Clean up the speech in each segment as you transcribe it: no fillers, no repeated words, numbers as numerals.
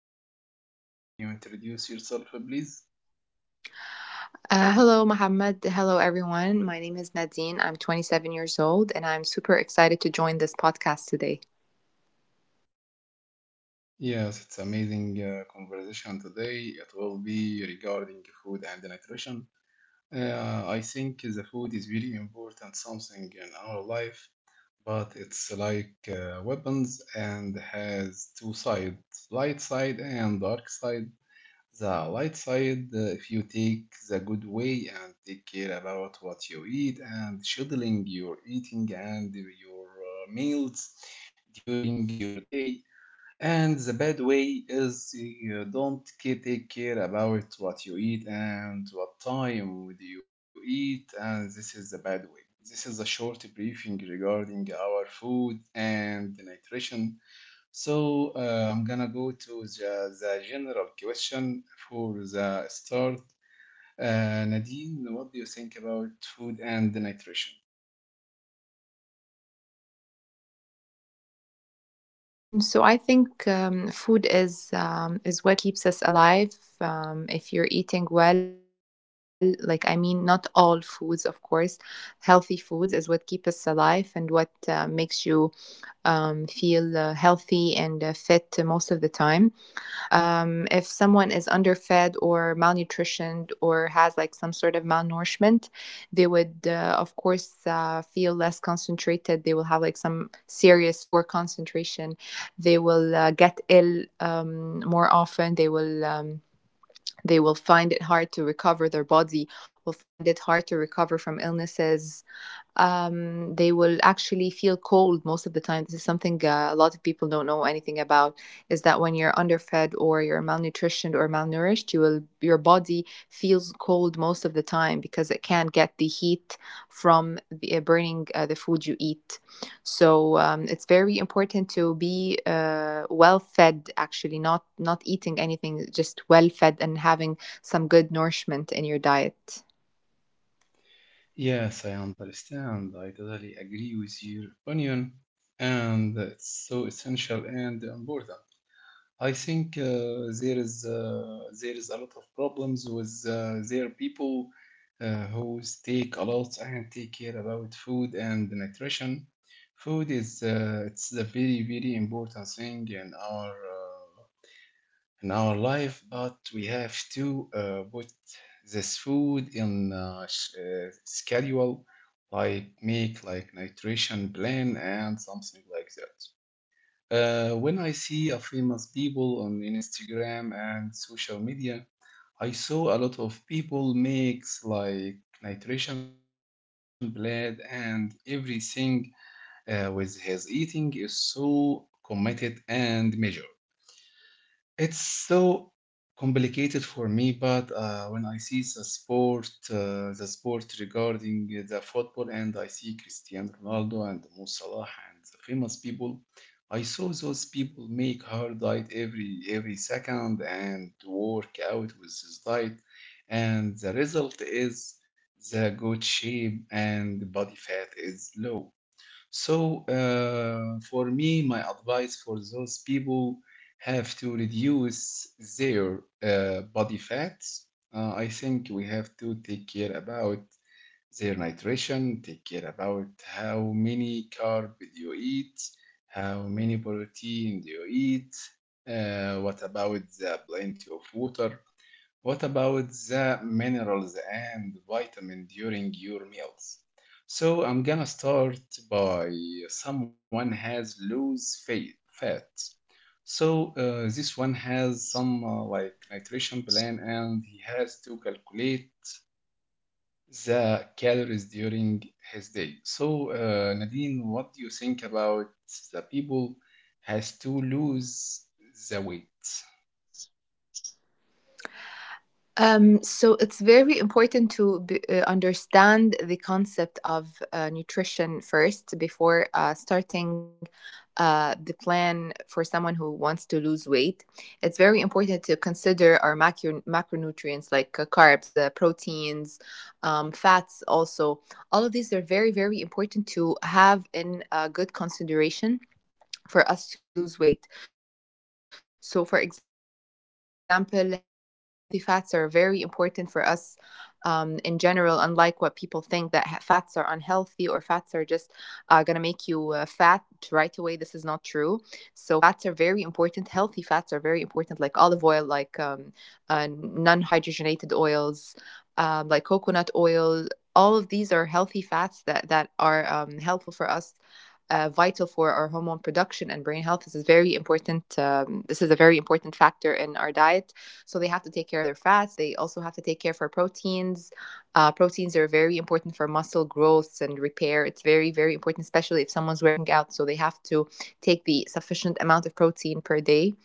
Nadine today. Nadine, can you introduce yourself, please? Hello, Mohammed. Hello, everyone. My name is Nadine. I'm 27 years old, and I'm super excited to join this podcast today. Yes, it's amazing conversation today. It will be regarding food and nutrition. I think the food is very important something in our life, but it's like weapons and has two sides, light side and dark side. The light side, if you take the good way and take care about what you eat and scheduling your eating and your meals during your day. And the bad way is you don't take care about what you eat and what time would you eat, and this is the bad way. This is a short briefing regarding our food and nutrition. So I'm gonna go to the general question for the start. Nadine, what do you think about food and nutrition? So I think food is what keeps us alive. If you're eating well, like I mean, not all foods, of course, healthy foods is what keep us alive and what makes you feel healthy and fit most of the time. If someone is underfed or malnutritioned or has like some sort of malnourishment, they would of course feel less concentrated. They will have like some serious poor concentration. They will get ill more often. They will find it hard to recover. Their body will find it hard to recover from illnesses. Um, they will actually feel cold most of the time. This is something a lot of people don't know anything about. Is that when you're underfed or you're malnutritioned or malnourished, you will your body feels cold most of the time because it can't get the heat from burning the food you eat. So it's very important to be well fed. Actually, not eating anything, just well fed and having some good nourishment in your diet. Yes, I understand. I totally agree with your opinion, and it's so essential and important. I think there is a lot of problems with their people who take a lot and take care about food and nutrition. Food is it's a very very important thing in our life, but we have to put this food in schedule, like make like nutrition plan and something like that. When I see a famous people on Instagram and social media, I saw a lot of people makes like nutrition plan and everything with his eating is so committed and measured. It's so complicated for me, but when I see the sport regarding the football, and I see Cristiano Ronaldo and Mo Salah and the famous people, I saw those people make hard diet every second and work out with this diet, and the result is the good shape and body fat is low. So, for me, my advice for those people have to reduce their body fats. I think we have to take care about their nutrition, take care about how many carb you eat, how many protein you eat, what about the plenty of water. What about the minerals and vitamin during your meals? So I'm gonna start by someone has loose fat. So this one has some like nutrition plan and he has to calculate the calories during his day. So Nadine, what do you think about the people has to lose the weight? So it's very important to understand the concept of nutrition first before starting the plan for someone who wants to lose weight. It's very important to consider our macronutrients like carbs, the proteins, fats, also. All of these are very, very important to have in good consideration for us to lose weight. So, for example, healthy fats are very important for us in general, unlike what people think, that fats are unhealthy or fats are just going to make you fat right away. This is not true. So, fats are very important. Healthy fats are very important, like olive oil, like non hydrogenated oils, like coconut oil. All of these are healthy fats that are helpful for us, vital for our hormone production and brain health. This is very important. This is a very important factor in our diet. So they have to take care of their fats. They also have to take care for proteins. Proteins are very important for muscle growth and repair. It's very very important, especially if someone's working out. So they have to take the sufficient amount of protein per day.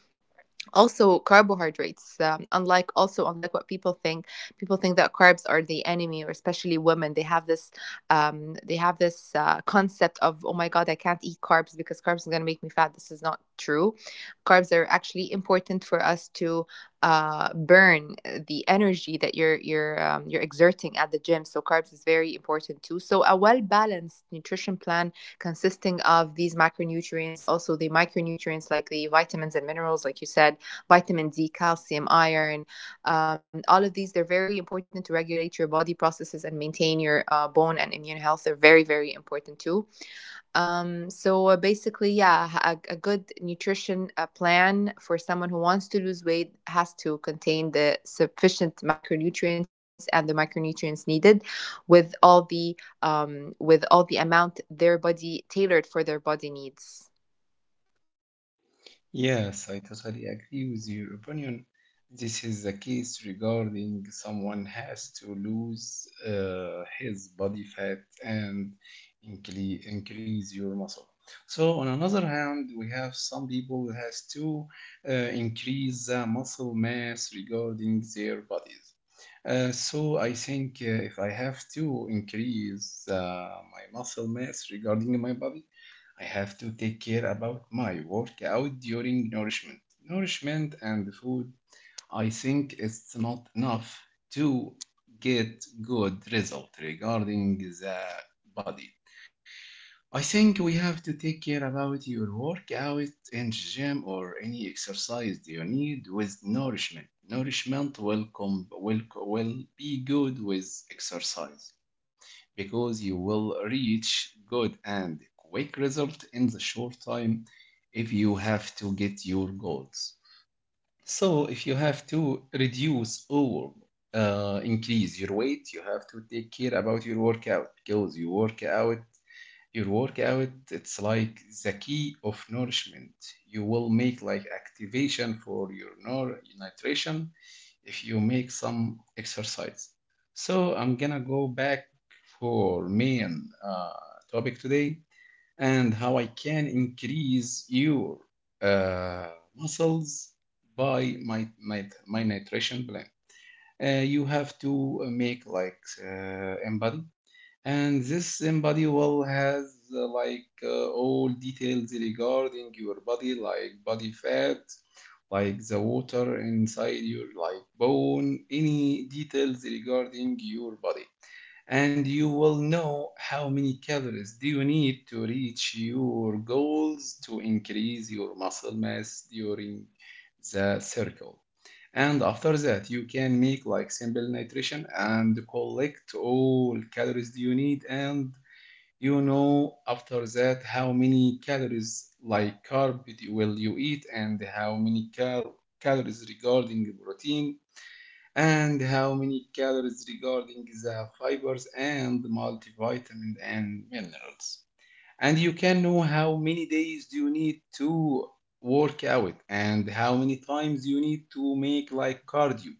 Also carbohydrates, unlike, also unlike what people think. People think that carbs are the enemy, or especially women, they have this concept of, oh my god, I can't eat carbs because carbs are going to make me fat. This is not true. Carbs are actually important for us to burn the energy that you're exerting at the gym. So carbs is very important too. So a well balanced nutrition plan consisting of these macronutrients, also the micronutrients like the vitamins and minerals, like you said, vitamin D, calcium, iron. All of these, they're very important to regulate your body processes and maintain your bone and immune health. They're very, very important too. Basically, yeah, a good nutrition plan for someone who wants to lose weight has to contain the sufficient macronutrients and the micronutrients needed, with all the with all the amount their body, tailored for their body needs. Yes, I totally agree with your opinion. This is the case regarding someone has to lose his body fat and increase your muscle. So on another hand, we have some people that has to uh, increase the muscle mass regarding their bodies. So I think if I have to increase my muscle mass regarding my body, I have to take care about my workout during nourishment. Nourishment and food, I think it's not enough to get good result regarding the body. I think we have to take care about your workout and gym or any exercise you need with nourishment. Nourishment will com- will be good with exercise because you will reach good and quick result in the short time if you have to get your goals. So if you have to reduce or increase your weight, you have to take care about your workout because your workout, it's like the key of nourishment. You will make like activation for your nutrition if you make some exercise. So I'm gonna go back for main topic today and how I can increase your uh, muscles by my nutrition plan. You have to make like in body and this embody well has all details regarding your body, like body fat, like the water inside your like bone, any details regarding your body and you will know how many calories do you need to reach your goals to increase your muscle mass during the circle and after that you can make like simple nutrition and collect all calories you need and you know after that how many calories like will you eat and how many calories regarding protein and how many calories regarding the fibers and multivitamin and minerals. And you can know how many days do you need to work out and how many times you need to make like cardio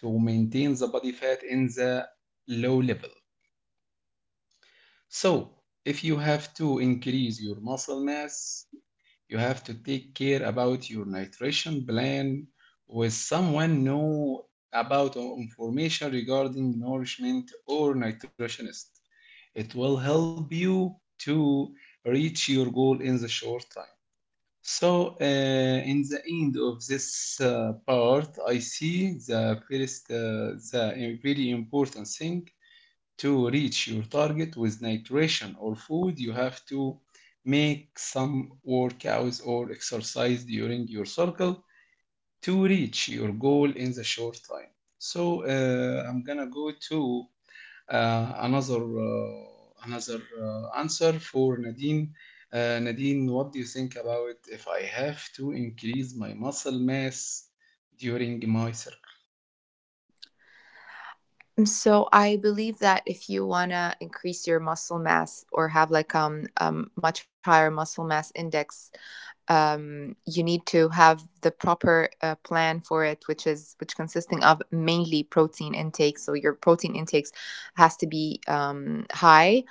to maintain the body fat in the low level. So if you have to increase your muscle mass, you have to take care about your nutrition plan with someone know about information regarding nourishment or nutritionist. It will help you to reach your goal in the short time. So, in the end of this part, I see the first, the very important thing to reach your target with nutrition or food, you have to make some workouts or exercise during your circle to reach your goal in the short time. So I'm gonna go to uh, another uh, another answer for Nadine. Nadine, what do you think about if I have to increase my muscle mass during my circle? Mm, so I believe that if you want to increase your muscle mass or have like much higher muscle mass index, you need to have the proper plan for it, which consisting of mainly protein intake. So your protein intakes has to be high.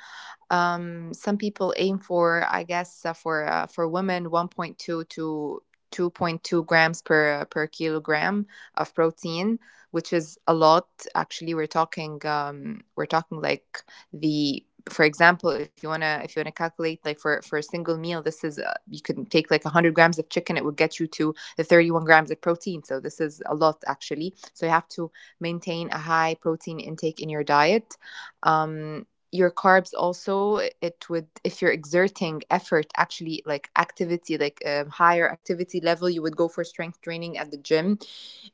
Um, some people aim for, I guess, for women, 1.2 to 2.2 grams per per kilogram of protein, which is a lot. Actually, we're talking like the, for example, if you wanna, if you wanna calculate like for a single meal, this is you can take like 100 grams of chicken, it would get you to the 31 grams of protein. So this is a lot actually. So you have to maintain a high protein intake in your diet. Um, your carbs also, it would, if you're exerting effort, actually like activity, like higher activity level, you would go for strength training at the gym.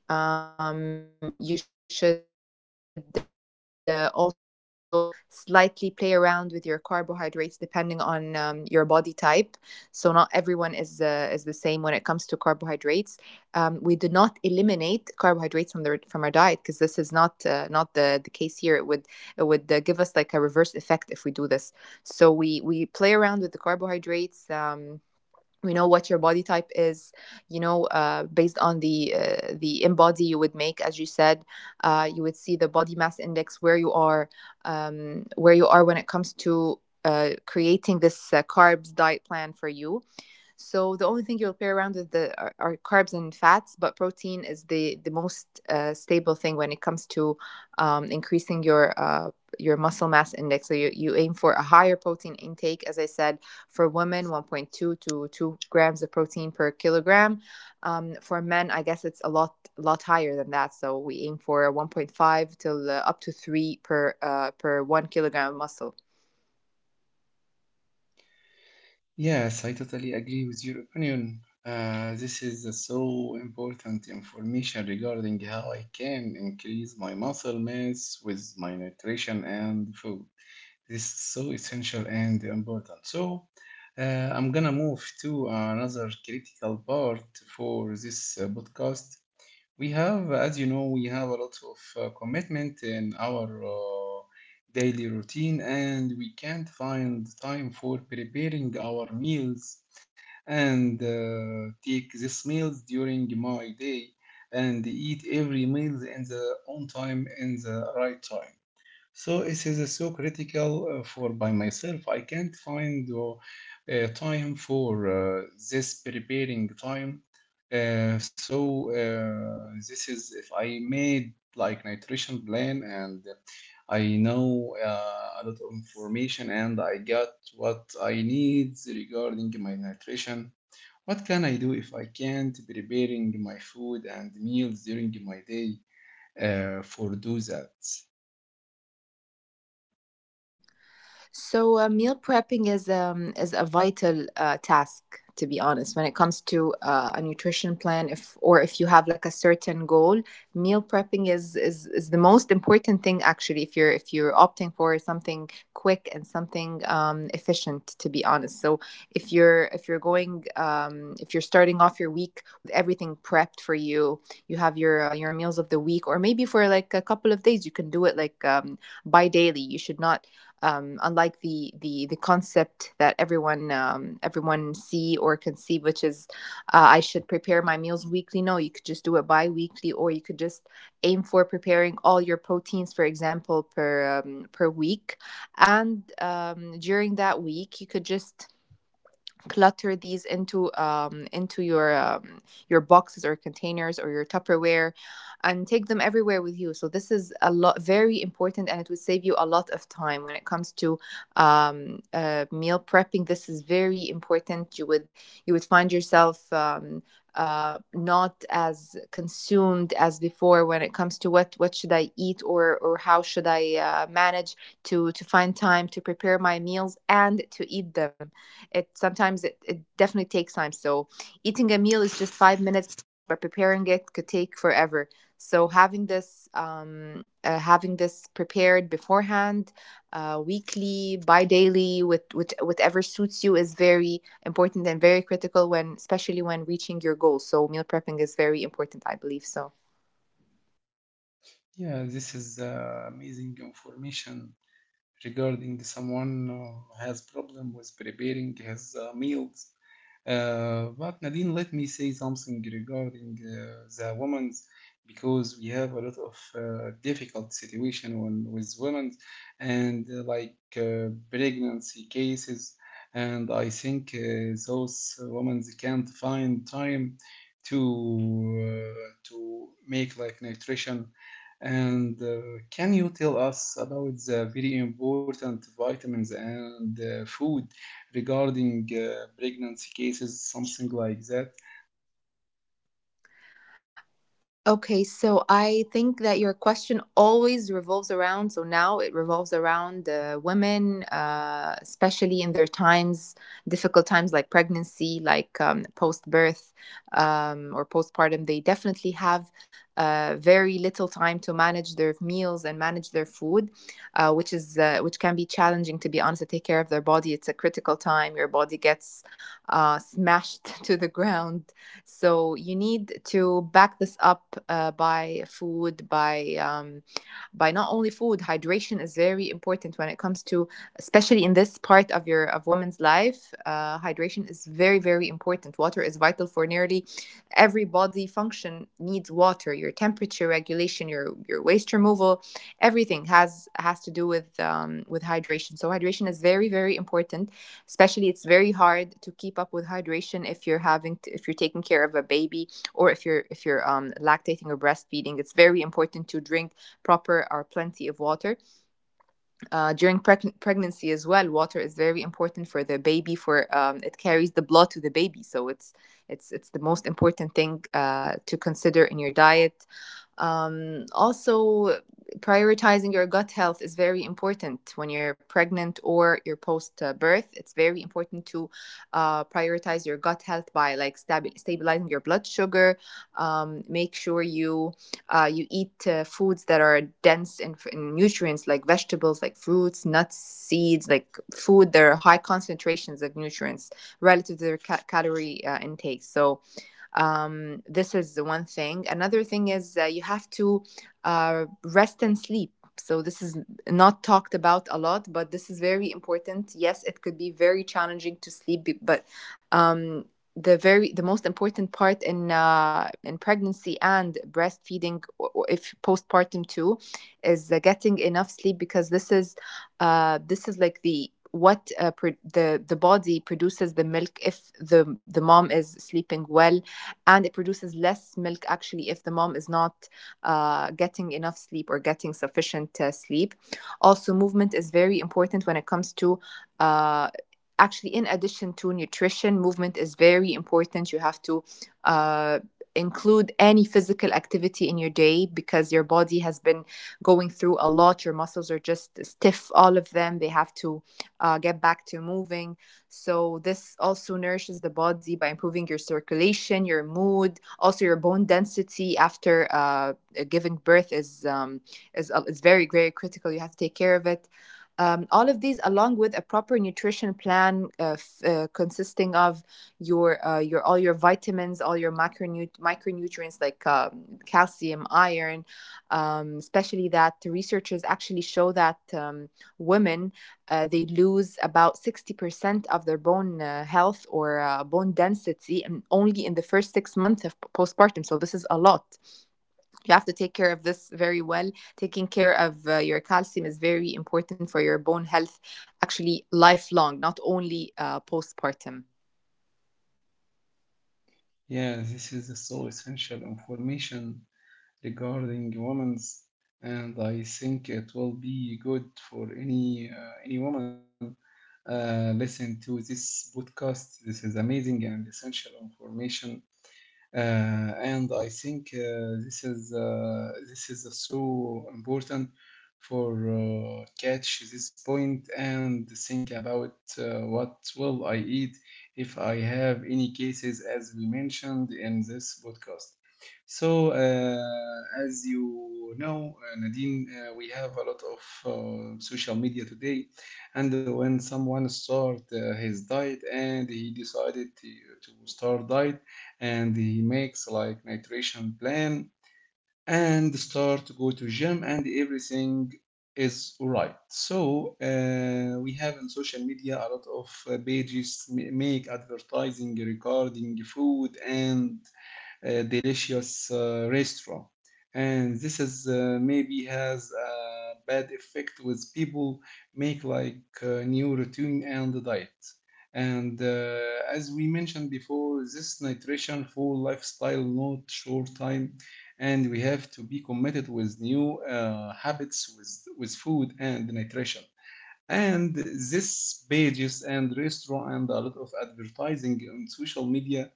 Um, you should also slightly play around with your carbohydrates depending on your body type. So not everyone is the same when it comes to carbohydrates. Um, we do not eliminate carbohydrates from the, from our diet, because this is not not the case here. It would, it would give us like a reverse effect if we do this. So we play around with the carbohydrates. We know what your body type is, you know, based on the, the in body you would make, as you said, you would see the body mass index where you are when it comes to creating this carbs diet plan for you. So the only thing you'll pair around with are carbs and fats, but protein is the most stable thing when it comes to increasing your muscle mass index. So you aim for a higher protein intake, as I said, for women 1.2 to 2 grams of protein per kilogram. For men, I guess it's a lot higher than that. So we aim for 1.5 till up to 3 per per 1 kilogram of muscle. Yes, I totally agree with your opinion. This is a so important information regarding how I can increase my muscle mass with my nutrition and food. This is so essential and important. So, I'm gonna move to another critical part for this podcast. We have, as you know, we have a lot of commitment in our daily routine, and we can't find time for preparing our meals and take these meals during my day and eat every meal in the on time in the right time. So it is so critical for by myself. I can't find time for uh, this preparing time. So this is if I made like nutrition plan and I know a lot of information and I got what I need regarding my nutrition. What can I do if I can't preparing my food and meals during my day for do that? So meal prepping is a vital task, to be honest, when it comes to a nutrition plan. If, or if you have like a certain goal, meal prepping is is the most important thing actually. If you're opting for something quick and something efficient, to be honest. So if you're going if you're starting off your week with everything prepped for you, you have your meals of the week, or maybe for like a couple of days, you can do it like bi daily. You should not unlike the concept that everyone everyone see or conceive, which is I should prepare my meals weekly. No, you could just do it bi-weekly, or you could just aim for preparing all your proteins, for example, per per week, and during that week you could just clutter these into your boxes or containers or your Tupperware, and take them everywhere with you. So this is a lot very important, and it would save you a lot of time when it comes to meal prepping. This is very important. You would, you would find yourself, um, not as consumed as before when it comes to what should I eat, or how should I manage to find time to prepare my meals and to eat them. It sometimes it definitely takes time. So eating a meal is just 5 minutes, but preparing it could take forever. So having this prepared beforehand, weekly, bi-daily, with whatever suits you is very important and very critical when, especially when reaching your goals. So meal prepping is very important, I believe so. Yeah, this is amazing information regarding someone has problem with preparing his meals. But Nadine, let me say something regarding the women's because we have a lot of difficult situation on, with women and pregnancy cases. And I think those women can't find time to make like nutrition and can you tell us about the very important vitamins and food regarding pregnancy cases, something like that? Okay, so I think that your question always revolves around, so now it revolves around women, especially in their times, difficult times like pregnancy, like post-birth or postpartum. They definitely have very little time to manage their meals and manage their food, which can be challenging, to be honest, to take care of their body. It's a critical time. Your body gets smashed to the ground, so you need to back this up by food, by not only food. Hydration is very important when it comes to, especially in this part of your of woman's life. Hydration is very very important. Water is vital for nearly every body function. Needs water. Your temperature regulation, your waste removal, everything has to do with hydration. So hydration is very very important, especially it's very hard to keep up with hydration if you're having to, if you're taking care of a baby or if you're lactating or breastfeeding. It's very important to drink proper or plenty of water during pregnancy as well. Water is very important for the baby. For it carries the blood to the baby, so it's the most important thing to consider in your diet. Also, prioritizing your gut health is very important when you're pregnant or you're post birth. It's very important to prioritize your gut health by like stabilizing your blood sugar. Make sure you you eat foods that are dense in nutrients, like vegetables, like fruits, nuts, seeds, like food that are high concentrations of nutrients relative to their calorie intake. So this is the one thing. Another thing is you have to rest and sleep. So this is not talked about a lot, but this is very important. Yes, it could be very challenging to sleep, but um, the most important part in pregnancy and breastfeeding, or if postpartum too, is getting enough sleep, because this is like the what the body produces the milk if the mom is sleeping well, and it produces less milk actually if the mom is not getting enough sleep or getting sufficient sleep. Also, movement is very important when it comes to. Uh, Actually, in addition to nutrition, movement is very important. You have to uh, include any physical activity in your day, because your body has been going through a lot. Your muscles are just stiff, all of them. They have to get back to moving. So this also nourishes the body by improving your circulation, your mood, also your bone density after giving birth is very very critical. You have to take care of it. All of these, along with a proper nutrition plan consisting of your all your vitamins, all your macronut micronutrients, like calcium, iron, especially that the researchers actually show that women they lose about 60% of their bone health or bone density, and only in the first 6 months of postpartum. So, this is a lot. You have to take care of this very well. Taking care of your calcium is very important for your bone health, actually, lifelong, not only postpartum. Yeah, this is so essential information regarding women's, and I think it will be good for any woman listen to this podcast. This is amazing and essential information. And I think this is so important for catch this point and think about what will I eat if I have any cases as we mentioned in this podcast. So as you know, Nadine, we have a lot of social media today, and when someone start his diet and he decided to start diet and he makes like nutrition plan and start to go to gym and everything is right so we have in social media a lot of pages make advertising regarding food and a delicious restaurant. And this is maybe has a bad effect with people make like new routine and diet. And As we mentioned before, this nutrition full lifestyle, not short time, and we have to be committed with new habits with food and nutrition. And this pages and restaurant and a lot of advertising on social media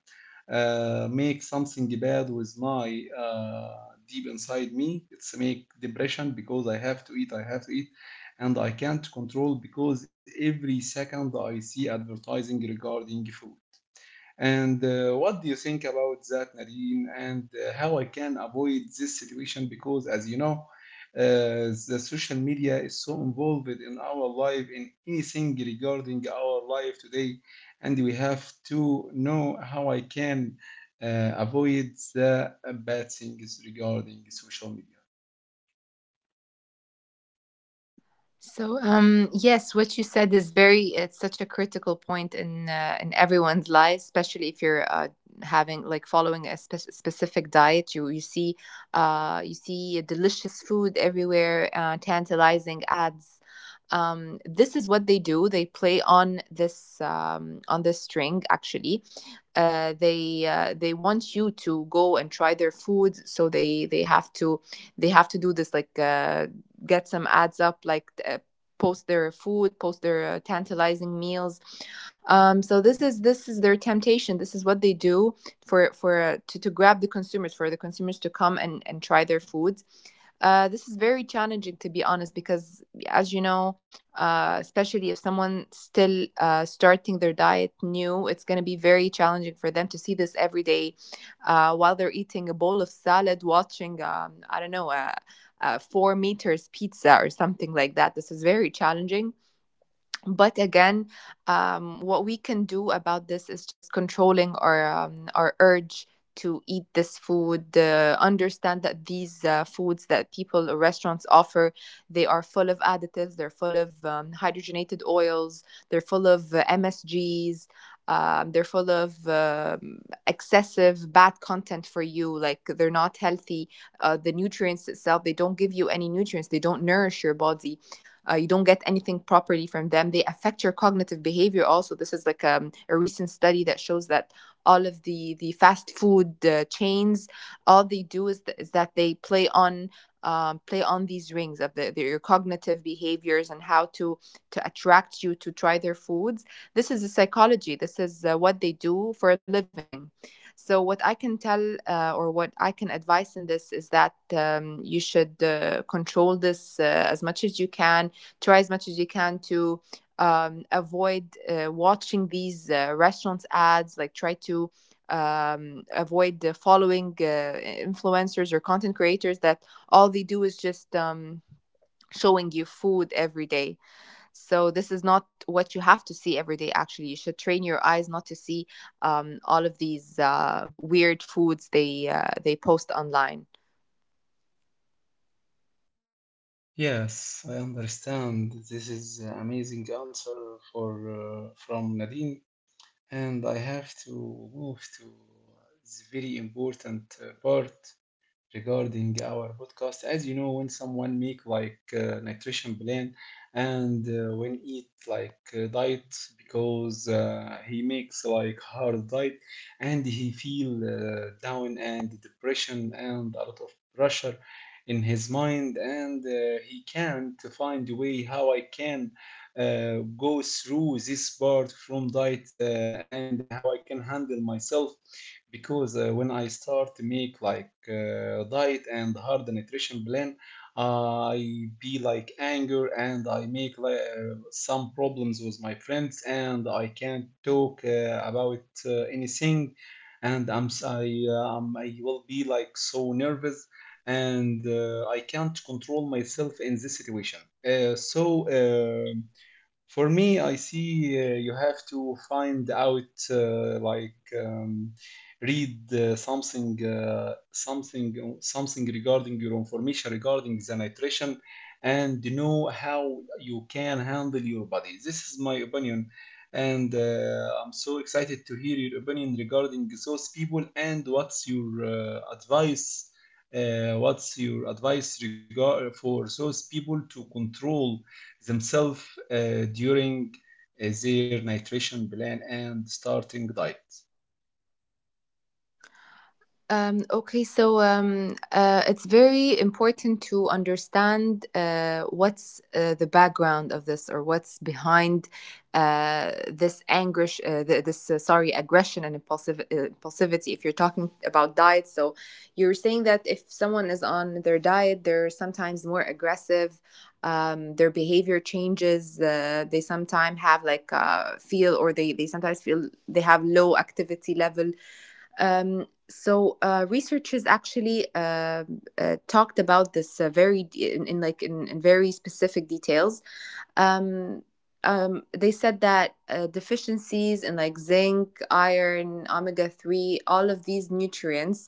make something bad with my deep inside me it's make depression because I have to eat and I can't control because every second I see advertising regarding food and what do you think about that, Nadine? And how I can avoid this situation? Because, as you know, the social media is so involved in our life, in anything regarding our life today, and we have to know how I can avoid the bad things regarding social media. So, yes, what you said is very, it's such a critical point in everyone's life, especially if you're having, like, following a specific diet. You you see delicious food everywhere, tantalizing ads. This is what they do. They play on this string, actually. They want you to go and try their food, so they have to do this, like get some ads up, like post their food, post their tantalizing meals. So this is their temptation. This is what they do, for to grab the consumers, for the consumers to come and try their foods. This is very challenging, to be honest, because, as you know, especially if someone still starting their diet new, it's going to be very challenging for them to see this every day, while they're eating a bowl of salad, watching, I don't know, a 4 meters pizza or something like that. This is very challenging. But again, what we can do about this is just controlling our urge to eat this food. Understand that these foods that people or restaurants offer, they are full of additives, they're full of hydrogenated oils, they're full of msgs, they're full of excessive bad content for you, like they're not healthy. The nutrients itself, they don't give you any nutrients, they don't nourish your body. You don't get anything properly from them. They affect your cognitive behavior. Also, this is like a recent study that shows that all of the fast food chains, all they do is, that they play on play on these rings of the your cognitive behaviors and how to attract you to try their foods. This is a psychology. This is what they do for a living. So what I can tell, or what I can advise in this, is that you should control this as much as you can. Try as much as you can to avoid watching these restaurants ads, like try to avoid following influencers or content creators that all they do is just showing you food every day. So this is not what you have to see every day. Actually, you should train your eyes not to see all of these weird foods they post online. Yes, I understand. This is an amazing answer for from Nadine. And I have to move to this very important part regarding our podcast. As you know, when someone make like nutrition plan and when eat like diet because he makes like hard diet and he feel down and depression and a lot of pressure in his mind and he can't find a way how I can go through this part from diet and how I can handle myself because when I start to make like diet and hard nutrition plan, I be like anger and I make like some problems with my friends and I can't talk about anything, and I'm s- I will be like so nervous and I can't control myself in this situation. Uh, so. um for me, I see you have to find out, read something regarding your information regarding the nutrition, and know how you can handle your body. This is my opinion, and I'm so excited to hear your opinion regarding those people and what's your advice. What's your advice regard for those people to control themselves during their nutrition plan and starting diet. Okay, so it's very important to understand what's the background of this, or what's behind this anger, this sorry, aggression and impulsive impulsivity. If you're talking about diet, so you're saying that if someone is on their diet, they're sometimes more aggressive. Their behavior changes. They sometimes have like feel, or they sometimes feel they have low activity level. So researchers actually talked about this very in very specific details. um, they said that deficiencies in like zinc, iron, omega 3, all of these nutrients,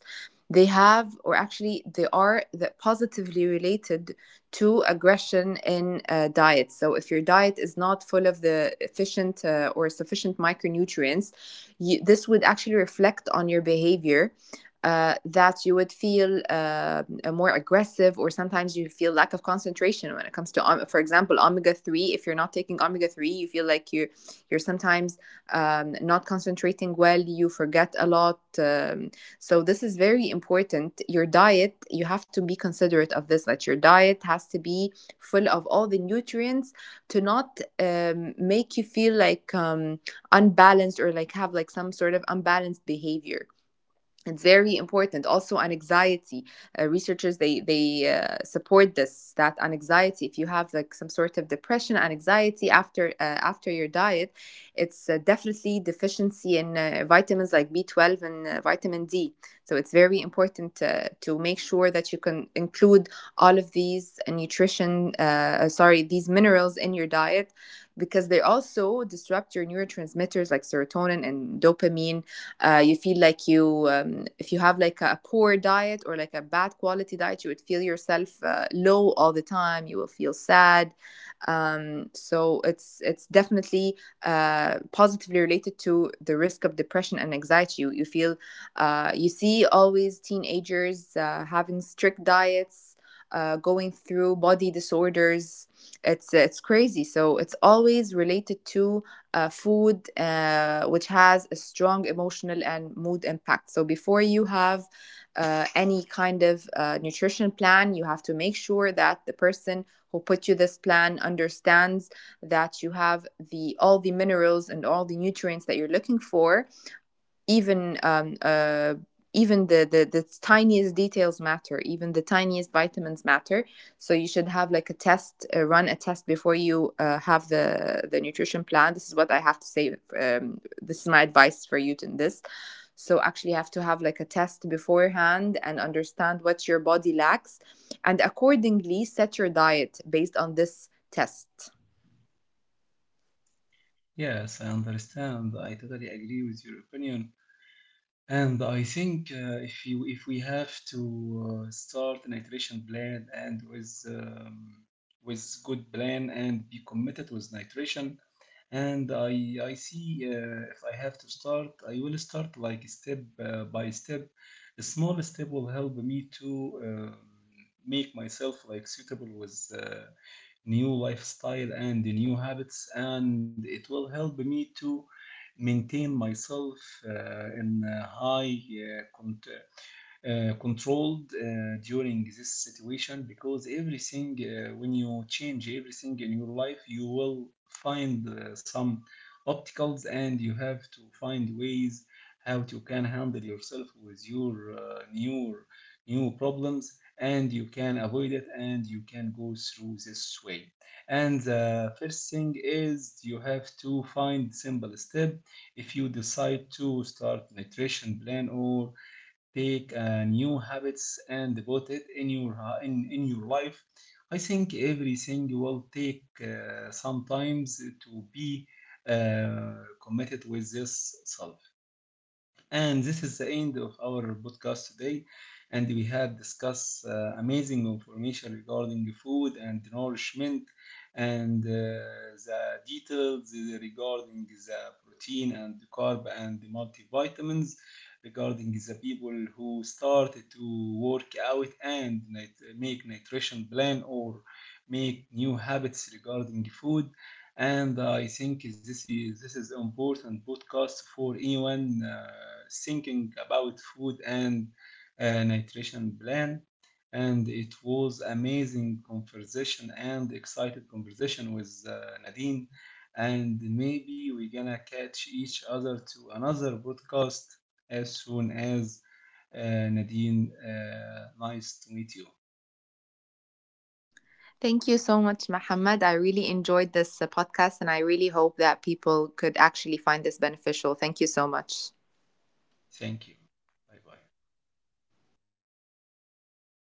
they have, or actually, they are the positively related to aggression in diet. So, if your diet is not full of the efficient or sufficient micronutrients, this would actually reflect on your behavior, that you would feel more aggressive, or sometimes you feel lack of concentration when it comes to, for example, omega 3. If you're not taking omega 3, you feel like you are, you're sometimes not concentrating well. You forget a lot. So this is very important. Your diet, you have to be considerate of this. That your diet has to be full of all the nutrients, to not make you feel like unbalanced, or like have like some sort of unbalanced behavior. It's very important. Also, anxiety, researchers, they support this, that anxiety, if you have like some sort of depression anxiety after after your diet, it's definitely deficiency in vitamins like B12 and vitamin D. So it's very important to make sure that you can include all of these nutrition sorry these minerals in your diet, because they also disrupt your neurotransmitters like serotonin and dopamine. You feel like you if you have like a poor diet or like a bad quality diet, you would feel yourself low all the time. You will feel sad. So it's definitely positively related to the risk of depression and anxiety. You feel you see always teenagers having strict diets, going through body disorders. It's crazy. So it's always related to food, which has a strong emotional and mood impact. So, before you have any kind of nutrition plan, you have to make sure that the person who put you this plan understands that you have the all the minerals and all the nutrients that you're looking for. Even even the tiniest details matter, even the tiniest vitamins matter. So you should have like a test, run a test before you have the nutrition plan. This is what I have to say. This is my advice for you in this. So actually you have to have like a test beforehand, and understand what your body lacks, and accordingly set your diet based on this test. Yes, I understand. I totally agree with your opinion. And I think if you if we have to start an iteration plan and with good plan and be committed with nitration, and I see if I have to start, I will start like step by step. A small step will help me to make myself like suitable with new lifestyle and the new habits, and it will help me to maintain myself in a high uh, cont- controlled during this situation because everything when you change everything in your life you will find some obstacles and you have to find ways how to can handle yourself with your new problems and you can avoid it and you can go through this way and the first thing is you have to find simple step if you decide to start nutrition plan or take new habits and put it in your ha- in your life. I think everything will take some times to be uh, committed with this self. And this is the end of our podcast today. And we had discussed amazing information regarding food and nourishment and the details regarding the protein and the carb and the multivitamins regarding the people who started to work out and make nutrition plan or make new habits regarding the food. And I think this is important podcast for anyone thinking about food and nutrition plan. And it was amazing conversation and excited conversation with Nadine. And maybe we're gonna catch each other to another podcast as soon as Nadine. Nice to meet you. Thank you so much, Mohammed. I really enjoyed this podcast, and I really hope that people could actually find this beneficial. Thank you so much. Thank you. Bye bye.